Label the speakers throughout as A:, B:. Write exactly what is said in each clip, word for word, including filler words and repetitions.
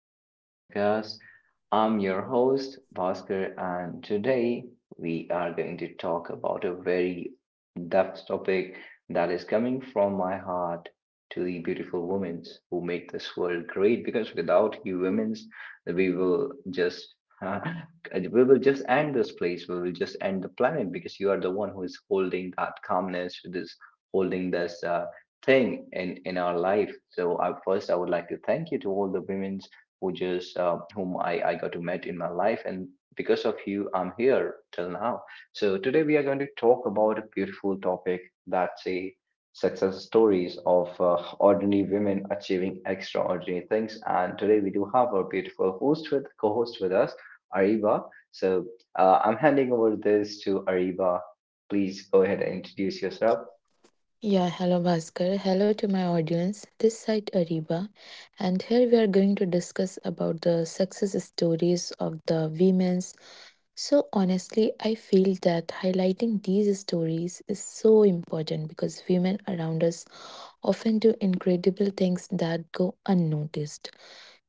A: to our podcast. I'm your host, Bhaskar, and today we are going to talk about a very depth topic that is coming from my heart to the beautiful women who make this world great. Because without you women, we will just uh, we will just end this place. We will just end the planet because you are the one who is holding that calmness, who is holding this. uh, thing in in our life. So i first i would like to thank you to all the women who just uh, whom i i got to met in my life, and because of you I'm here till now. So today we are going to talk about a beautiful topic, that's a success stories of uh, ordinary women achieving extraordinary things. And today we do have our beautiful host with co-host with us, Ariba. So uh, I'm handing over this to Ariba. Please go ahead and introduce yourself.
B: Yeah, hello Bhaskar. Hello to my audience. This side Ariba, and here we are going to discuss about the success stories of the women's. So honestly, I feel that highlighting these stories is so important because women around us often do incredible things that go unnoticed.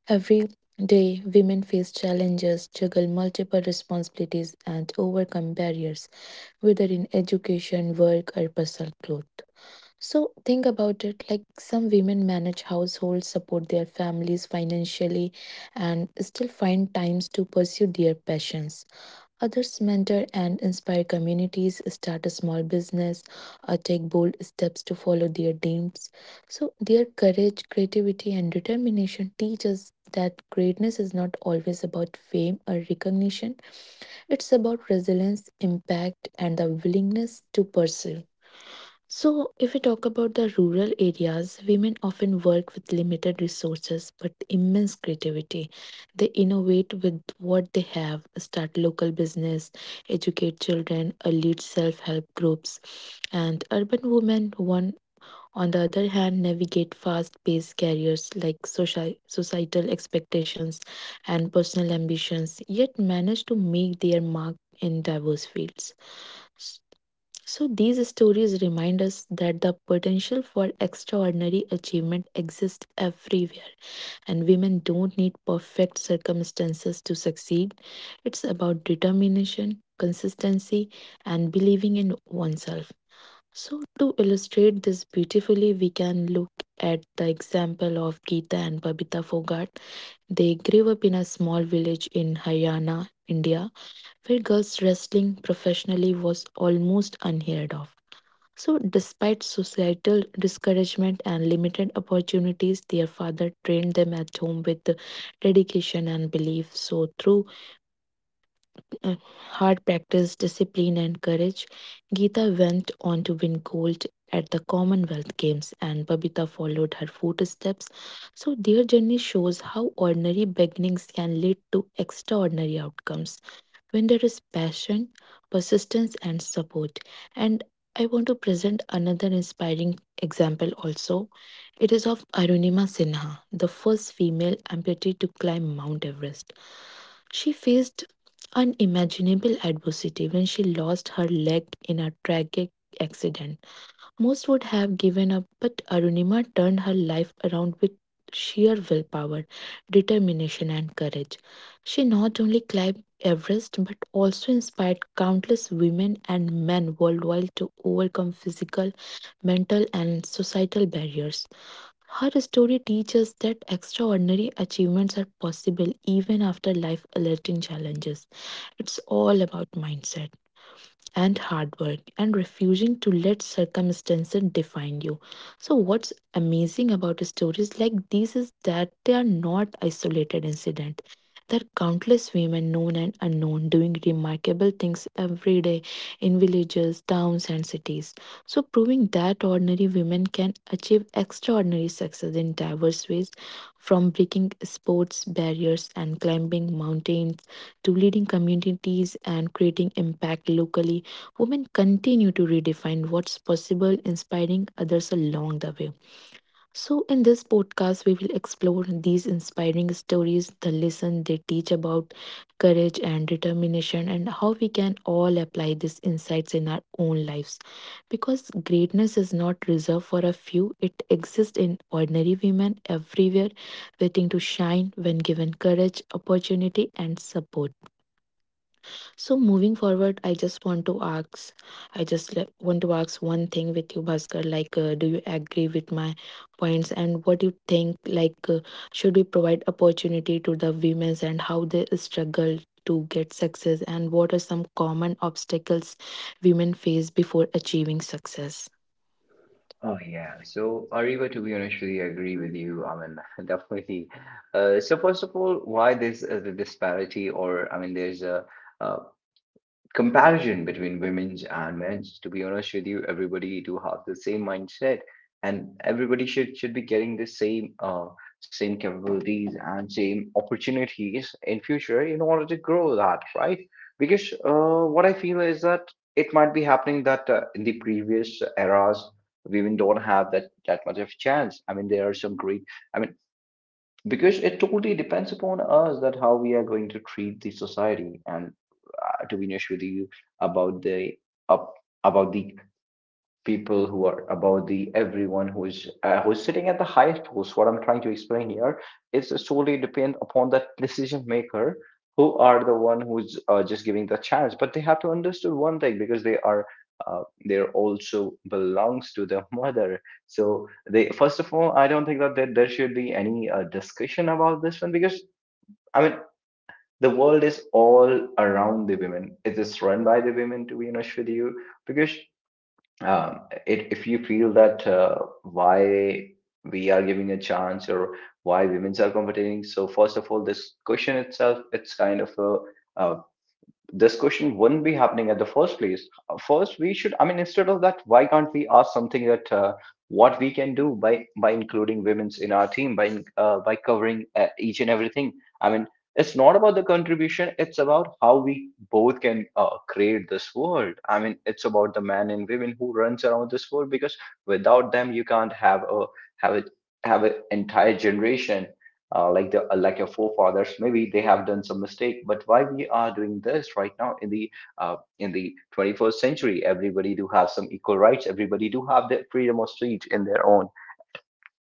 B: Every day, women face challenges, juggle multiple responsibilities, and overcome barriers, whether in education, work, or personal growth. So think about it like some women manage households, support their families financially, and still find times to pursue their passions. Others mentor and inspire communities, start a small business, or take bold steps to follow their dreams. So their courage, creativity, and determination teach us that greatness is not always about fame or recognition, it's about resilience, impact, and the willingness to pursue. So, if we talk about the rural areas, women often work with limited resources but immense creativity. They innovate with what they have, start local business, educate children, uh, lead self help groups. And urban women, one on the other hand, navigate fast paced careers like soci- societal expectations and personal ambitions, yet manage to make their mark in diverse fields. So, these stories remind us that the potential for extraordinary achievement exists everywhere, and women don't need perfect circumstances to succeed. It's about determination, consistency, and believing in oneself. So, to illustrate this beautifully, we can look at the example of Geeta and Babita Fogart. They grew up in a small village in Haryana, India, where girls wrestling professionally was almost unheard of. So, despite societal discouragement and limited opportunities, their father trained them at home with dedication and belief. So, through uh, hard practice, discipline, and courage, Geeta went on to win gold at the Commonwealth Games, and Babita followed her footsteps. So, their journey shows how ordinary beginnings can lead to extraordinary outcomes when there is passion, persistence, and support. And I want to present another inspiring example also. It is of Arunima Sinha, the first female amputee to climb Mount Everest. She faced unimaginable adversity when she lost her leg in a tragic accident. Most would have given up, but Arunima turned her life around with sheer willpower, determination, and courage. She not only climbed Everest but also inspired countless women and men worldwide to overcome physical, mental, and societal barriers. Her story teaches that extraordinary achievements are possible even after life alerting challenges. It's all about mindset and hard work and refusing to let circumstances define you. So, what's amazing about stories like these is that they are not isolated incidents. There are countless women, known and unknown, doing remarkable things every day in villages, towns, and cities. So, proving that ordinary women can achieve extraordinary success in diverse ways, from breaking sports barriers and climbing mountains to leading communities and creating impact locally. Women continue to redefine what's possible, inspiring others along the way. So, in this podcast, we will explore these inspiring stories, the lesson they teach about courage and determination, and how we can all apply these insights in our own lives. Because greatness is not reserved for a few, it exists in ordinary women everywhere, waiting to shine when given courage, opportunity, and support. So moving forward, I just want to ask, I just le- want to ask one thing with you, Bhaskar. Like, uh, do you agree with my points, and what do you think? Like, uh, should we provide opportunity to the women and how they struggle to get success, and what are some common obstacles women face before achieving success?
A: Oh yeah. So Ariba, to be honest, really agree with you. I mean, definitely. Uh, so first of all, why this uh, the disparity, or I mean, there's a, uh comparison between women's and men's. To be honest with you, everybody do have the same mindset, and everybody should should be getting the same uh same capabilities and same opportunities in future in order to grow that, right? Because uh what I feel is that it might be happening that uh, in the previous eras, women don't have that that much of chance. I mean, there are some great, I mean, because it totally depends upon us that how we are going to treat the society. And uh, to be honest with you, about the up about the people who are about the everyone who is uh, who is sitting at the highest post, what I'm trying to explain here is solely depend upon that decision maker, who are the one who's uh, just giving the chance. But they have to understand one thing, because they are uh, they also belongs to the mother. So they first of all i don't think that there, there should be any uh, discussion about this one, because I mean, the world is all around the women. It is run by the women, to be honest with you, because um, it, if you feel that uh, why we are giving a chance, or why women's are competing. So first of all, this question itself, it's kind of a, a this question wouldn't be happening at the first place. Uh, First, we should, I mean, instead of that, why can't we ask something that uh, what we can do by by including women's in our team, by in- uh, by covering uh, each and everything? I mean, it's not about the contribution; it's about how we both can uh, create this world. I mean, it's about the man and women who runs around this world, because without them, you can't have a have a have an entire generation. Uh, like the uh, like your forefathers, maybe they have done some mistake. But why we are doing this right now in the uh, in the twenty-first century? Everybody do have some equal rights, everybody do have the freedom of speech in their own,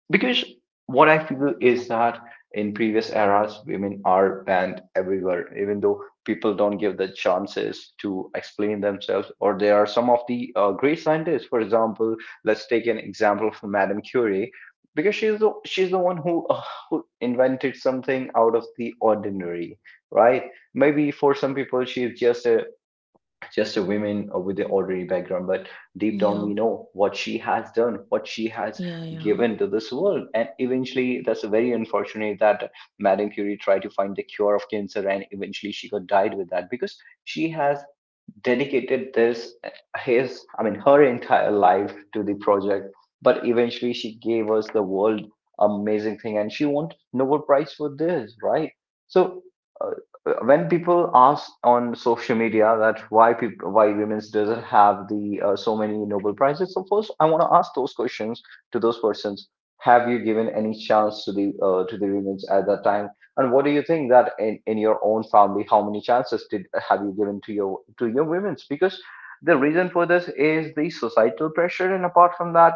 A: because what I feel is that in previous eras, women are banned everywhere, even though people don't give the chances to explain themselves. Or there are some of the uh, great scientists, for example. Let's take an example of Madame Curie, because she's the, she's the one who, uh, who invented something out of the ordinary, right? Maybe for some people, she's just a just a woman uh, with the ordinary background, but deep down,
B: Yeah,
A: we know what she has done, what she has
B: yeah, yeah,
A: given to this world. And eventually, that's very unfortunate that Madame Curie tried to find the cure of cancer, and eventually she got died with that, because she has dedicated this his I mean, her entire life to the project. But eventually she gave us the world amazing thing, and she won Nobel Prize for this, right? So uh, when people ask on social media that why people why women doesn't have the uh, so many Nobel Prizes, so first I want to ask those questions to those persons: have you given any chance to the uh, to the women at that time? And what do you think that in, in your own family, how many chances did have you given to your to your women's? Because the reason for this is the societal pressure, and apart from that,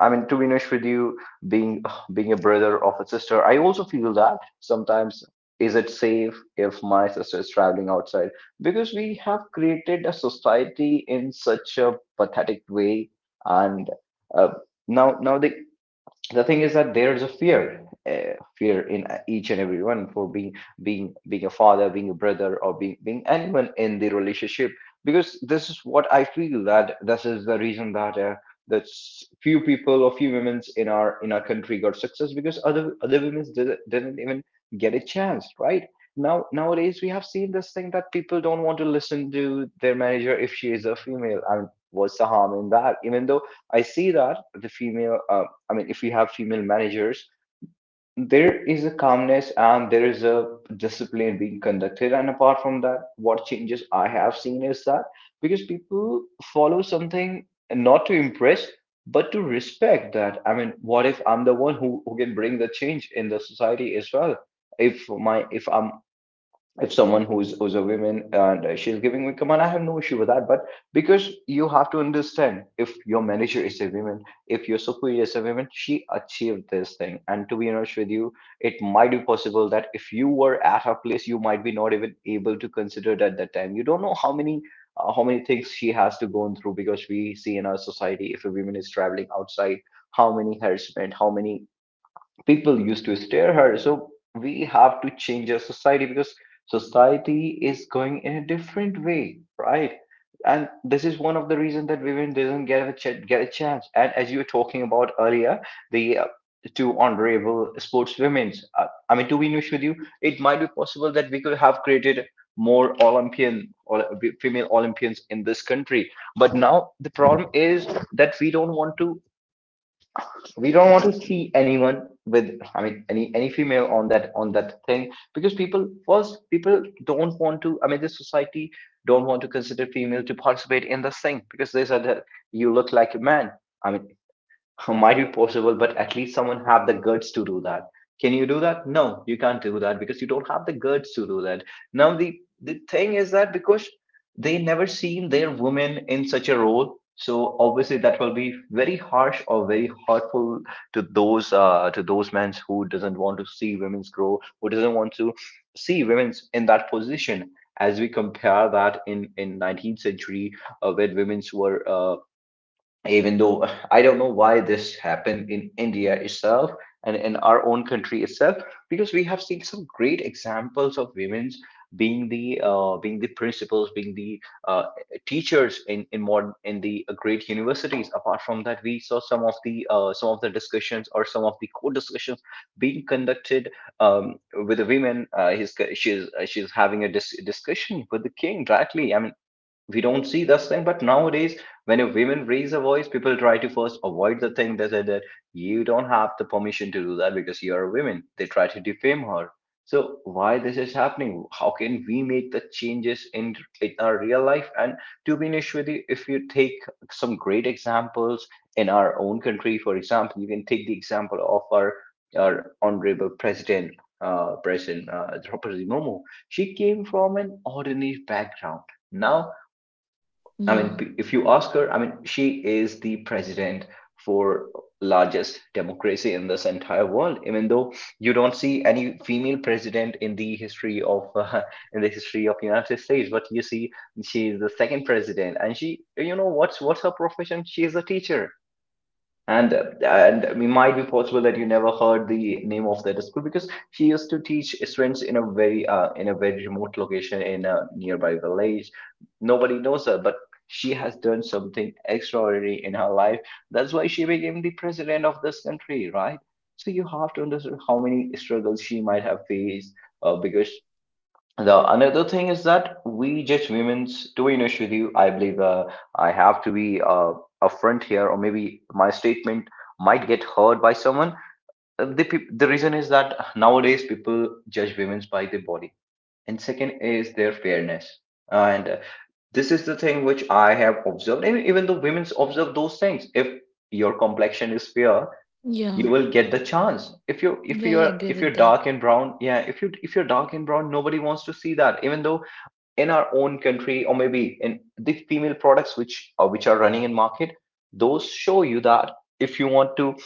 A: I mean, to be honest with you, being being a brother of a sister, I also feel that sometimes, is it safe if my sister is traveling outside? Because we have created a society in such a pathetic way, and uh, now now the the thing is that there is a fear uh, fear in uh, each and everyone, for being being being a father, being a brother, or being being anyone in the relationship. Because this is what I feel, that this is the reason that uh, that s- few people or few women in our in our country got success, because other other women didn't, didn't even get a chance, right? Now nowadays, we have seen this thing that people don't want to listen to their manager if she is a female. And what's the harm in that? Even though I see that the female uh, I mean, if you have female managers, there is a calmness and there is a discipline being conducted. And apart from that, what changes I have seen is that, because people follow something, not to impress, but to respect that. I mean, what if I'm the one who, who can bring the change in the society as well? If my if I'm if someone who's who's a woman and uh, she's giving me command, I have no issue with that. But because you have to understand, if your manager is a woman, if your superior is a woman, she achieved this thing. And to be honest with you, it might be possible that if you were at her place, you might be not even able to consider it at that time. You don't know how many uh, how many things she has to go through, because we see in our society, if a woman is traveling outside, how many harassment, how many people used to stare her. So we have to change our society, because society is going in a different way, right? And this is one of the reasons that women doesn't get a ch- get a chance. And as you were talking about earlier, the uh, two honorable sportswomen, uh, I mean, to be honest with you, it might be possible that we could have created more Olympian, or female Olympians in this country. But now the problem is that we don't want to we don't want to see anyone with, I mean, any any female on that on that thing. Because people first people don't want to I mean this society don't want to consider female to participate in this thing, because they said that you look like a man. I mean, might be possible, but at least someone have the guts to do that. Can you do that? No, you can't do that, because you don't have the guts to do that. Now the the thing is that, because they never seen their women in such a role, so obviously that will be very harsh or very hurtful to those uh, to those men who doesn't want to see women's grow, who doesn't want to see women's in that position. As we compare that in in nineteenth century, uh, when women's were uh, even though I don't know why this happened in India itself, and in our own country itself, because we have seen some great examples of women's being the uh, being the principals, being the uh, teachers in in modern in the great universities. Apart from that, we saw some of the uh, some of the discussions, or some of the co discussions being conducted, um, with the women. Uh, his she's she's having a dis- discussion with the king directly. I mean, we don't see this thing, but nowadays when a women raise a voice, people try to first avoid the thing. They say that you don't have the permission to do that because you are a woman. They try to defame her. So why this is happening? How can we make the changes in, in our real life? And to be honest with you, if you take some great examples in our own country, for example, you can take the example of our, our honorable president, uh, president uh, Draupadi Murmu. She came from an ordinary background now. I mean,
B: yeah,
A: p- if you ask her, I mean, she is the president for largest democracy in this entire world. Even though you don't see any female president in the history of uh, in the history of United States, but you see she is the second president, and she, you know, what's what's her profession? She is a teacher. And uh, and it might be possible that you never heard the name of that school because she used to teach students in a very uh, in a very remote location in a nearby village. Nobody knows her, but she has done something extraordinary in her life. That's why she became the president of this country, right? So you have to understand how many struggles she might have faced, uh, because the another thing is that we judge women's, to be honest with you, I believe, uh, I have to be uh, upfront here, or maybe my statement might get heard by someone. Uh, The, peop- the reason is that nowadays people judge women's by their body, and second is their fairness. And uh, this is the thing which I have observed, and even though women's observe those things, if your complexion is fair,
B: yeah,
A: you will get the chance. If you if
B: yeah. I
A: you're
B: agree
A: if
B: with
A: you're
B: that.
A: dark and brown, yeah, if you if you're dark and brown, nobody wants to see that. Even though in our own country or maybe in the female products which uh, which are running in market, those show you that if you want to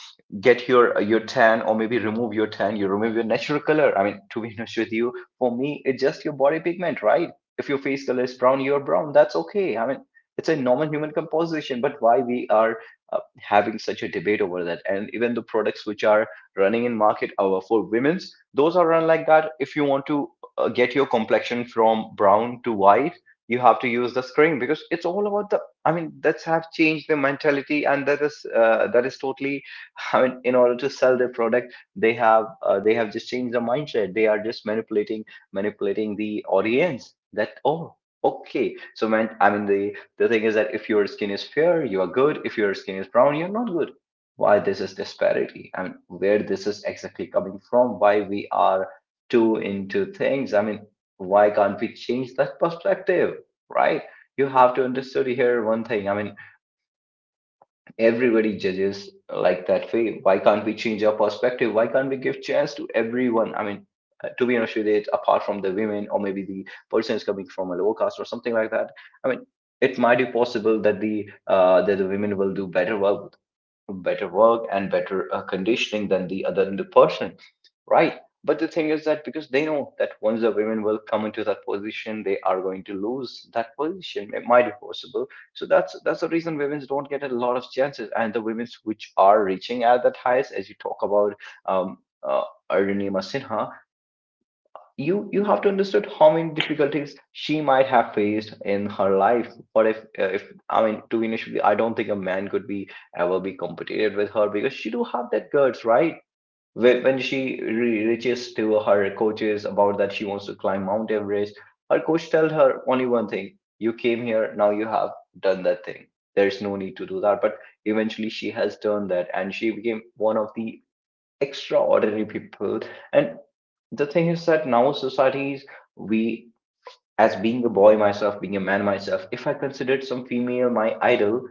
A: get your uh, your tan or maybe remove your tan, you remove your natural color. I mean, to be honest with you, for me it's just your body pigment, right? If your face color is brown, you're brown, that's okay. I mean, it's a normal human composition. But why we are uh, having such a debate over that? And even the products which are running in market are for women's, those are run like that. If you want to uh, get your complexion from brown to white, you have to use the screen, because it's all about the, I mean, that's have changed the mentality. And that is uh, that is totally I mean, in order to sell their product, they have uh, they have just changed the mindset. They are just manipulating, manipulating the audience that, oh, okay. So, man, I mean, the the thing is that if your skin is fair, you are good. If your skin is brown, you're not good. Why this is disparity? I mean, where this is exactly coming from? Why we are too into things? I mean, why can't we change that perspective, right? You have to understand here one thing. I mean, everybody judges like that way. Why can't we change our perspective? Why can't we give chance to everyone? I mean, uh, to be honest with it, apart from the women or maybe the person is coming from a lower caste or something like that. I mean, it might be possible that the uh, that the women will do better. Well, better work and better uh, conditioning than the other, than the person, right? But the thing is that because they know that once the women will come into that position, they are going to lose that position, it might be possible. So that's that's the reason women don't get a lot of chances. And the women which are reaching at that highest, as you talk about, um uh, Arunima Sinha, you you have to understand how many difficulties she might have faced in her life. Or if uh, if I mean, to initially, I don't think a man could be ever be competed with her, because she do have that guts, right? When when she re- reaches to her coaches about that she wants to climb Mount Everest, her coach tells her only one thing: you came here, now you have done that thing, there's no need to do that. But eventually she has done that, and she became one of the extraordinary people. And the thing is that now societies, we, as being a boy myself, being a man myself, if I considered some female my idol,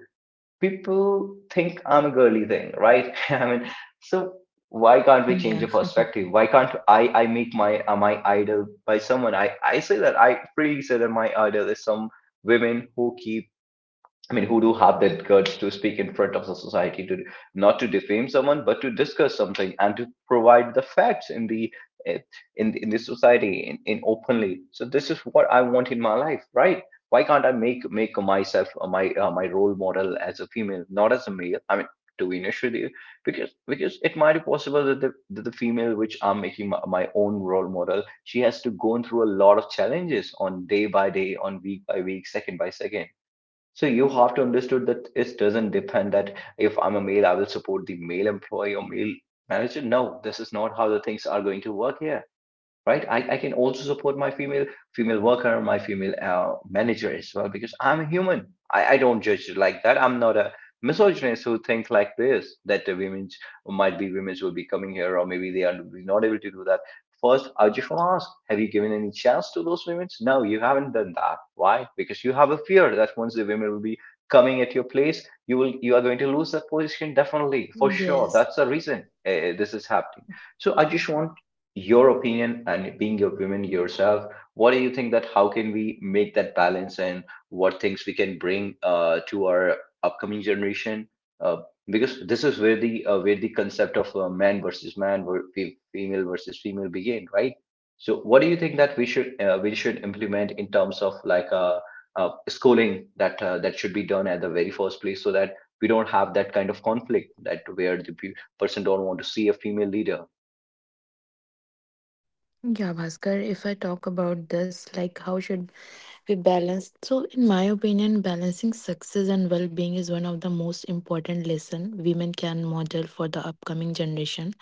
A: people think I'm a girly thing, right? I mean, so why can't we change
B: Yeah.
A: the perspective? Why can't i i make my uh, my idol by someone? I i say that I freely say that my idol is some women who keep, I mean, who do have that guts to speak in front of the society, to not to defame someone, but to discuss something and to provide the facts in the eh, in in the society in, in openly. So this is what I want in my life, right? Why can't I make make myself, uh, my uh, my role model as a female, not as a male? I mean, to be honest with you, because because it might be possible that the that the female which I'm making my, my own role model, she has to go through a lot of challenges on day by day, on week by week, second by second. So you have to understood that it doesn't depend that if I'm a male, I will support the male employee or male manager. No, this is not how the things are going to work here, right? I, I can also support my female female worker, my female uh, manager as well, because I'm a human. I, I don't judge it like that. I'm not a misogynist who thinks like this, that the women might be, women will be coming here or maybe they are not able to do that. First, I just want to ask, have you given any chance to those women? No, you haven't done that. Why? Because you have a fear that once the women will be coming at your place, you will, you are going to lose that position, definitely for sure.
B: Yes.
A: That's the reason uh, this is happening. So I just want your opinion, and being a woman yourself, what do you think that how can we make that balance and what things we can bring uh, to our upcoming generation? Uh, because this is where the uh, where the concept of uh, man versus man, ver- fe- female versus female begin, right? So what do you think that we should uh, we should implement in terms of like uh, uh, schooling that uh, that should be done at the very first place, so that we don't have that kind of conflict, that where the pe- person don't want to see a female leader?
B: Yeah, Bhaskar, if I talk about this, like how should we balance? So, in my opinion, balancing success and well being is one of the most important lesson women can model for the upcoming generation.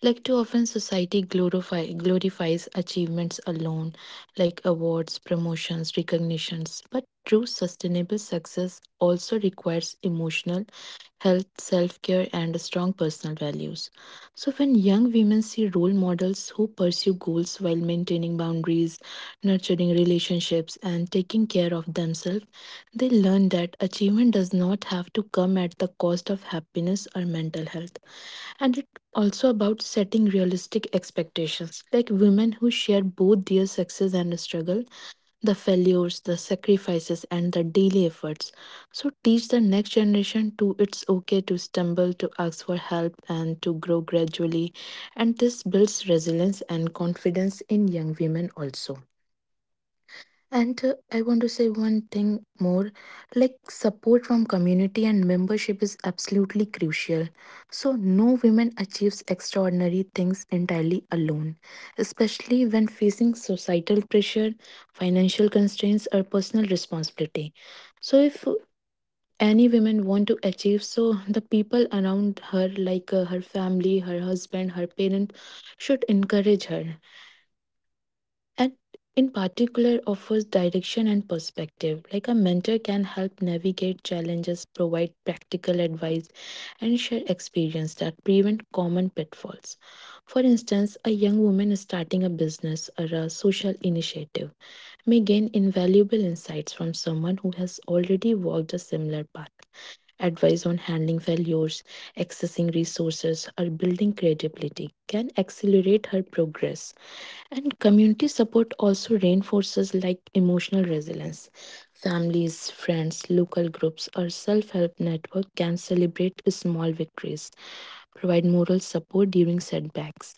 B: Like too often society glorify glorifies achievements alone, like awards, promotions, recognitions. But true sustainable success also requires emotional health, self care, and strong personal values. So, when young women see role models who pursue goals while maintaining boundaries, nurturing relationships, and taking care of themselves, they learn that achievement does not have to come at the cost of happiness or mental health. And it also about setting realistic expectations like women who share both their success and struggle the failures, the sacrifices, and the daily efforts. So, teach the next generation to it's okay to stumble, to ask for help, and to grow gradually. And this builds resilience and confidence in young women also. And uh, I want to say one thing more like support from community and membership is absolutely crucial. So, no woman achieves extraordinary things entirely alone, especially when facing societal pressure, financial constraints, or personal responsibility. So, if any women want to achieve so the people around her like uh, her family, her husband, her parent should encourage her, and in particular offers direction and perspective like a mentor can help navigate challenges, provide practical advice, and share experience that prevent common pitfalls. For instance, a young woman starting a business or a social initiative may gain invaluable insights from someone who has already walked a similar path. Advice on handling failures, accessing resources, or building credibility can accelerate her progress. And community support also reinforces like emotional resilience. Families, friends, local groups, or self help network can celebrate small victories, provide moral support during setbacks,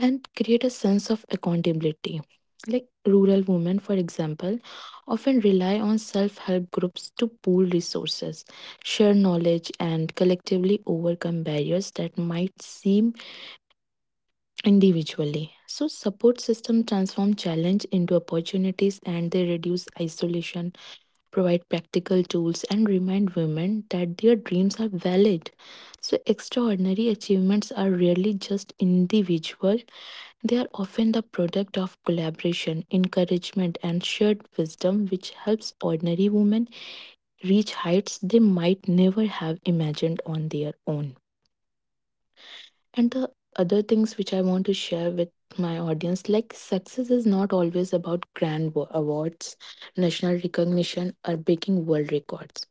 B: and create a sense of accountability. Like rural women, for example, often rely on self help groups to pool resources, share knowledge, and collectively overcome barriers that might seem individually. So, support system transform challenge into opportunities and they reduce isolation, provide practical tools, and remind women that their dreams are valid. So, extraordinary achievements are rarely just individual, they are often the product of collaboration, encouragement, and shared wisdom, which helps ordinary women reach heights they might never have imagined on their own. And the other things which I want to share with my audience like success is not always about grand wa- awards, national recognition, or breaking world records.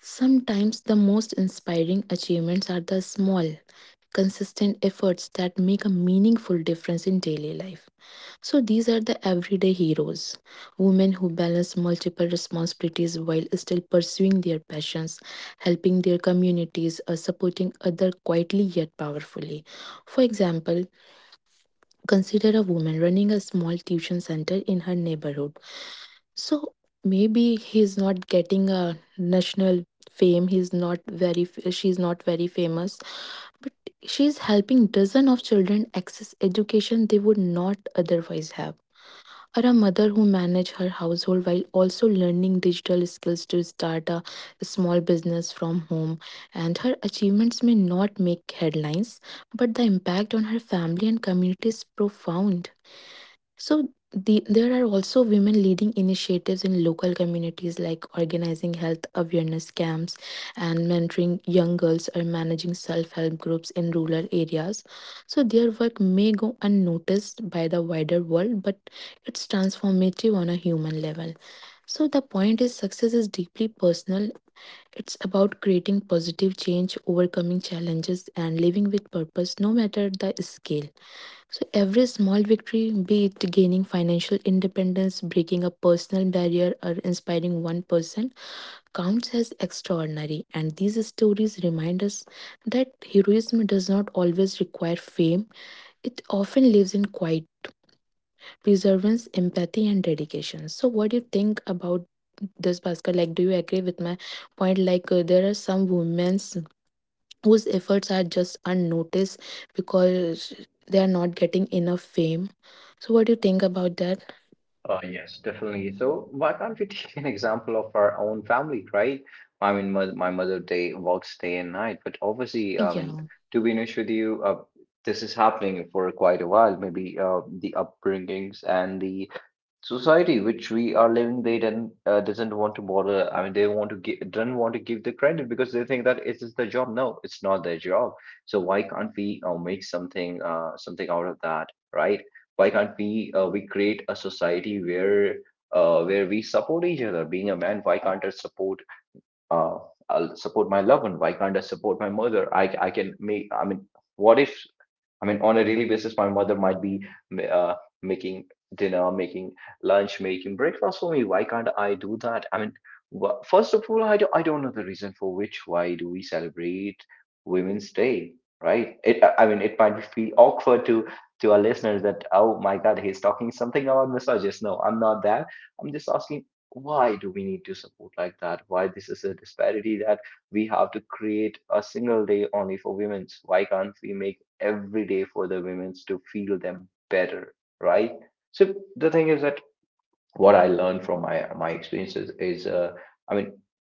B: Sometimes the most inspiring achievements are the small, consistent efforts that make a meaningful difference in daily life. So these are the everyday heroes, women who balance multiple responsibilities while still pursuing their passions, helping their communities, or supporting others quietly yet powerfully. For example, consider a woman running a small tuition center in her neighborhood. So maybe he's not getting a national fame, he's not very, she's not very famous, she's helping dozen of children access education they would not otherwise have, or a mother who manages her household while also learning digital skills to start a small business from home. And her achievements may not make headlines, but the impact on her family and community is profound. So the, there are also women leading initiatives in local communities like organizing health awareness camps and mentoring young girls or managing self-help groups in rural areas. So their work may go unnoticed by the wider world, but it's transformative on a human level. So the point is success is deeply personal. It's about creating positive change, overcoming challenges and living with purpose no matter the scale. So every small victory, be it gaining financial independence, breaking a personal barrier, or inspiring one person, counts as extraordinary. And these stories remind us that heroism does not always require fame, it often lives in quiet perseverance, empathy, and dedication. So, what do you think about this, Bhaskar? Like, do you agree with my point? Like, uh, there are some women's whose efforts are just unnoticed because they are not getting enough fame. So, what do you think about that?
A: Uh, yes, definitely. So why can't we take an example of our own family, right? I mean, my, my mother day works day and night. But obviously, I mean,
B: Yeah,
A: to be honest with you, uh, this is happening for quite a while. Maybe uh, the upbringings and the society which we are living, they don't, uh, doesn't want to bother. I mean, they want to give, don't want to give the credit because they think that it is the job. No, it's not their job. So why can't we uh, make something uh, something out of that, right? Why can't we uh, we create a society where uh, where we support each other? Being a man, why can't I support uh, I'll support my loved one? Why can't I support my mother? I i can make, I mean, what if, I mean, on a daily basis, my mother might be uh, making dinner, making lunch, making breakfast for me. Why can't I do that? I mean, wha- first of all, I do, I don't know the reason for which why do we celebrate Women's Day, right? It, I I mean, it might feel awkward to to our listeners that, oh my God, he's talking something about misogynist. No, I'm not that. I'm just asking, why do we need to support like that? Why this is a disparity, that we have to create a single day only for women's? Why can't we make every day for the women to feel them better, right? So the thing is that what I learned from my my experiences is, uh, I mean,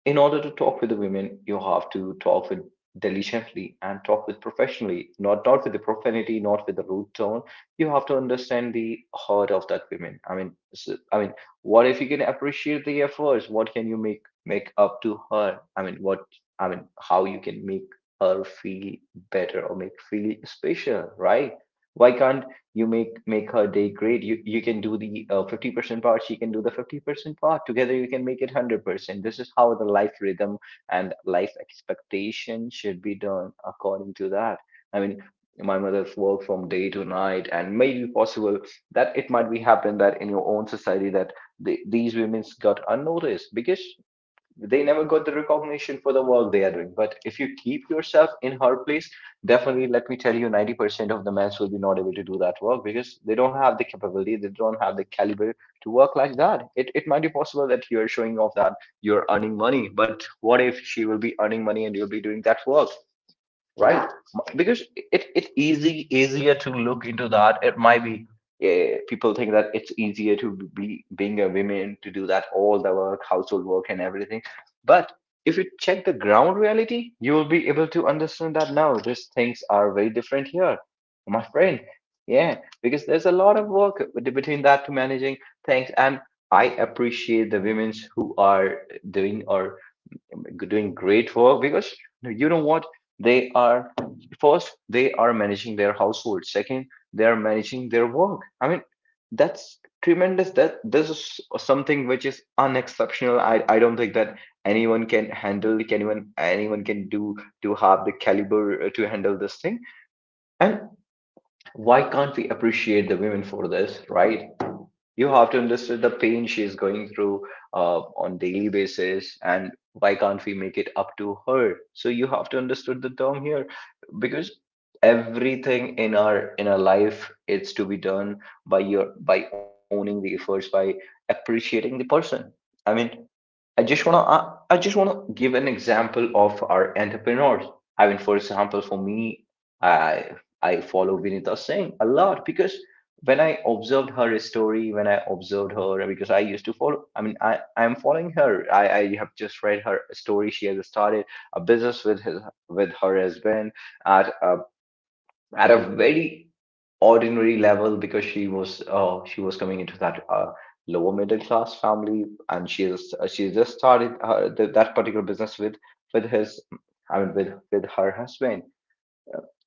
A: in order to talk with the women, you have to talk with diligently and talk with professionally, not not with the profanity, not with the rude tone. You have to understand the heart of that women. I mean, so, I mean, what if you can appreciate the efforts? What can you make make up to her? I mean, what, I mean, how you can make her feel better or make feel special, right? Why can't you make make her day great? You you can do the uh, fifty percent part, she can do the fifty percent part, together you can make it one hundred percent. This is how the life rhythm and life expectation should be done. According to that, i mean my mother's work from day to night, and maybe possible that it might be happen that in your own society that the, these women's got unnoticed because they never got the recognition for the work they are doing. But if you keep yourself in her place, definitely let me tell you, ninety percent of the men will be not able to do that work because they don't have the capability, they don't have the caliber to work like that. It, it might be possible that you're showing off that you're earning money, but what if she will be earning money and you'll be doing that work? Right? Because it it's easy easier to look into that. It might be, eh, people think that it's easier to be being a woman to do that all the work, household work and everything. But if you check the ground reality, you will be able to understand that no, these things are very different here, my friend. Yeah, because there's a lot of work bet- between that to managing things, and I appreciate the women's who are doing, or doing great work. Because no, you know what, they are, first they are managing their household, second they are managing their work. I mean that's tremendous, that this is something which is unexceptional. I i don't think that anyone can handle, can even anyone can do, to have the caliber uh, to handle this thing. And why can't we appreciate the women for this? Right? You have to understand the pain she is going through uh, on daily basis, and why can't we make it up to her? So you have to understand the term here. Because everything in our in our life, it's to be done by your by owning the efforts, by appreciating the person. I mean I just wanna, I, I just wanna give an example of our entrepreneurs. I mean, for example, for me, I I follow Vinita Singh a lot. Because when I observed her story, when I observed her, because I used to follow, I mean, I I'm following her. I I have just read her story. She has started a business with his with her husband at a, at a very ordinary level. Because she was, uh, she was coming into that uh, lower middle class family, and she is, uh, she just started, uh, th- that particular business with with his I mean with with her husband.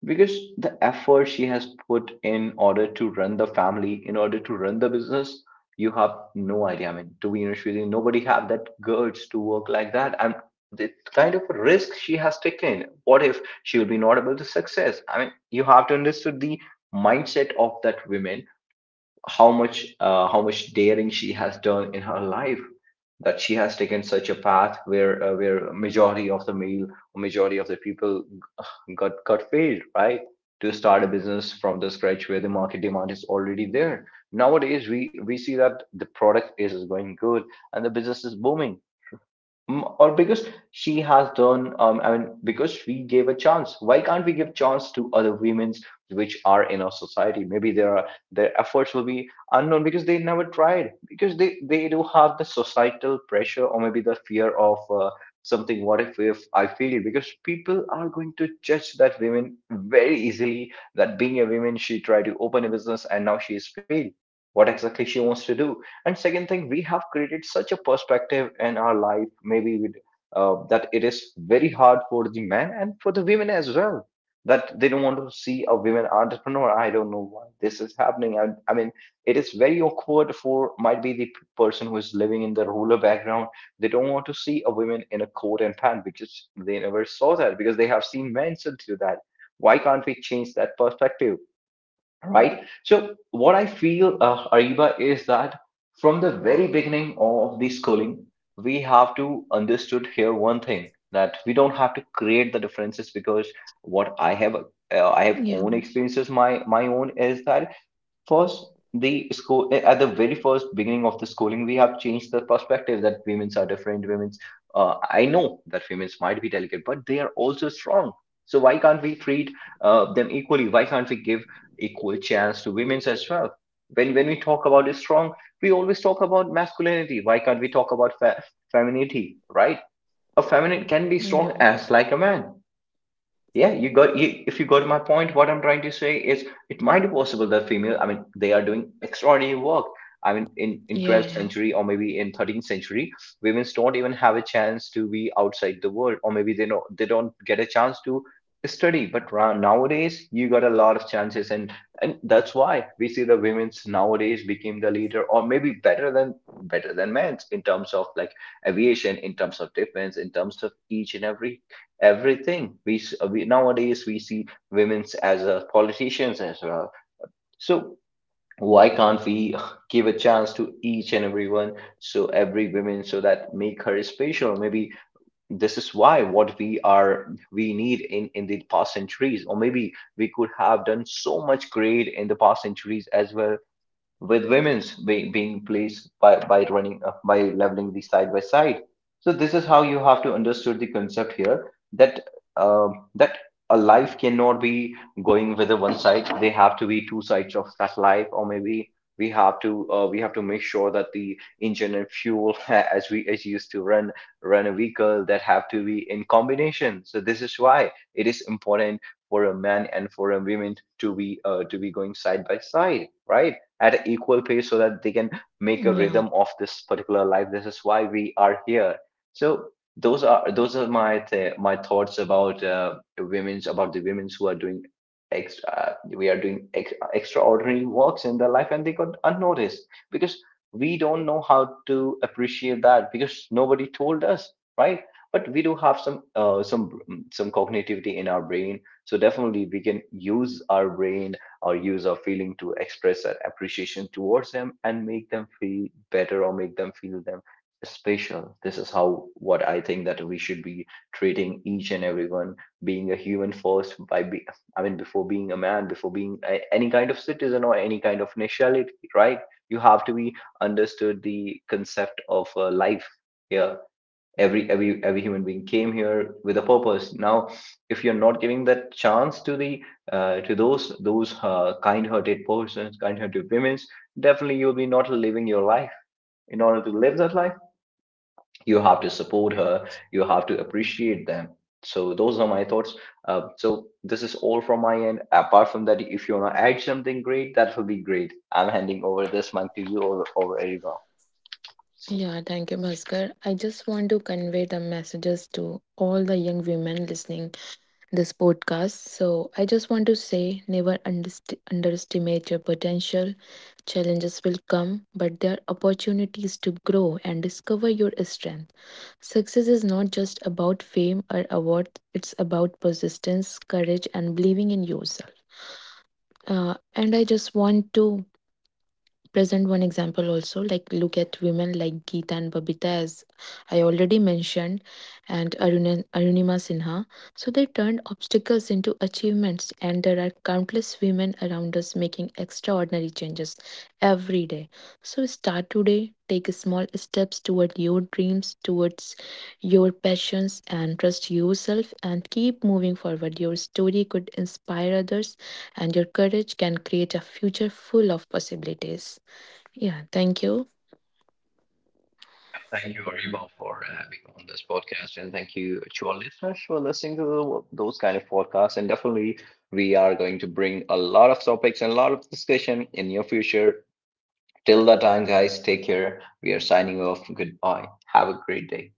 A: Because the effort she has put in order to run the family, in order to run the business, you have no idea. I mean, to be honest with you, nobody have that guts to work like that. And the kind of risk she has taken, what if she will be not able to success? I mean, you have to understand the mindset of that woman, how much, uh, how much daring she has done in her life, that she has taken such a path where, uh, where majority of the male, majority of the people got got failed, right? To start a business from the scratch where the market demand is already there. Nowadays we we see that the product is going good and the business is booming. Mm, or because she has done, um, I mean, because we gave a chance, why can't we give chance to other women which are in our society? Maybe their are their efforts will be unknown because they never tried, because they they do have the societal pressure, or maybe the fear of, uh, something. What if if I fail? Because people are going to judge that women very easily, that being a woman she tried to open a business and now she is failed. What exactly she wants to do? And second thing, we have created such a perspective in our life, maybe with, uh, that it is very hard for the men and for the women as well, that they don't want to see a women entrepreneur. I don't know why this is happening. I, I mean, it is very awkward for, might be, the person who is living in the rural background. They don't want to see a woman in a coat and pant because they never saw that, because they have seen men so do that. Why can't we change that perspective? Right? So what I feel, uh, Ariba, is that from the very beginning of the schooling, we have to understood here one thing, that we don't have to create the differences. Because what I have, uh, I have own
B: yeah,
A: experiences. My my own is that first, the school, at the very first beginning of the schooling, we have changed the perspective that women's are different. Women's, uh, I know that women's might be delicate, but they are also strong. So why can't we treat, uh, them equally? Why can't we give equal chance to women's as well? When when we talk about is strong, we always talk about masculinity. Why can't we talk about fe- femininity? Right? A feminine can be strong
B: yeah,
A: as like a man. Yeah, you got you. If you got my point, what I'm trying to say is, it might be possible that female. I mean, they are doing extraordinary work. I mean, in in
B: yeah,
A: twelfth
B: yeah,
A: century or maybe in thirteenth century, women don't even have a chance to be outside the world, or maybe they do they don't get a chance to study. But ra- nowadays, you got a lot of chances, and and that's why we see the women's nowadays became the leader, or maybe better than, better than men's in terms of like aviation, in terms of defense, in terms of each and every everything. We, we nowadays we see women's as a politicians as well. So why can't we give a chance to each and everyone? So every woman, so that make her special. Maybe this is why what we are we need in in the past centuries, or maybe we could have done so much great in the past centuries as well, with women's be- being placed by by running, uh, by leveling the side by side. So this is how you have to understood the concept here, that, uh, that a life cannot be going with the one side. They have to be two sides of that life, or maybe we have to, uh, we have to make sure that the engine and fuel as we as used to run, run a vehicle, that have to be in combination. So this is why it is important for a man and for a woman to be, uh, to be going side by side, right? At equal pace, so that they can make a
B: yeah.
A: rhythm of this particular life. This is why we are here. So those are those are my th- my thoughts about, uh, women's about the women's who are doing, ex- uh, we are doing ex- extraordinary works in their life and they got unnoticed because we don't know how to appreciate that, because nobody told us. Right? But we do have some, uh, some some cognitivity in our brain, so definitely we can use our brain or use our feeling to express our appreciation towards them and make them feel better or make them feel them special. This is how, what I think, that we should be treating each and everyone being a human first. by be, I mean, before being a man, before being a, any kind of citizen or any kind of nationality. Right? You have to be understood the concept of, uh, life here. Every every every human being came here with a purpose. Now if you're not giving that chance to the, uh, to those those uh, kind-hearted persons, kind-hearted women, definitely you'll be not living your life. In order to live that life, you have to support her, you have to appreciate them. So those are my thoughts. Uh, so this is all from my end. Apart from that, if you want to add something great, that will be great. I'm handing over this mic to you, over, over Eriva.
B: Yeah, thank you, Bhaskar. I just want to convey the messages to all the young women listening this podcast. So I just want to say, never underst- underestimate your potential. Challenges will come, but there are opportunities to grow and discover your strength. Success is not just about fame or awards, it's about persistence, courage, and believing in yourself. Uh, and I just want to present one example also like look at women like Geeta and Babita as I already mentioned and Aruna, Arunima Sinha. So they turned obstacles into achievements and there are countless women around us making extraordinary changes every day. So start today, take small steps toward your dreams, towards your passions and trust yourself and keep moving forward. Your story could inspire others and your courage can create a future full of possibilities. Yeah, thank you.
A: Yeah, thank you, Ariba, for having me on this podcast, and thank you to our listeners for listening to the, those kind of podcasts. And definitely, we are going to bring a lot of topics and a lot of discussion in your future. Till that time, guys, take care. We are signing off. Goodbye. Have a great day.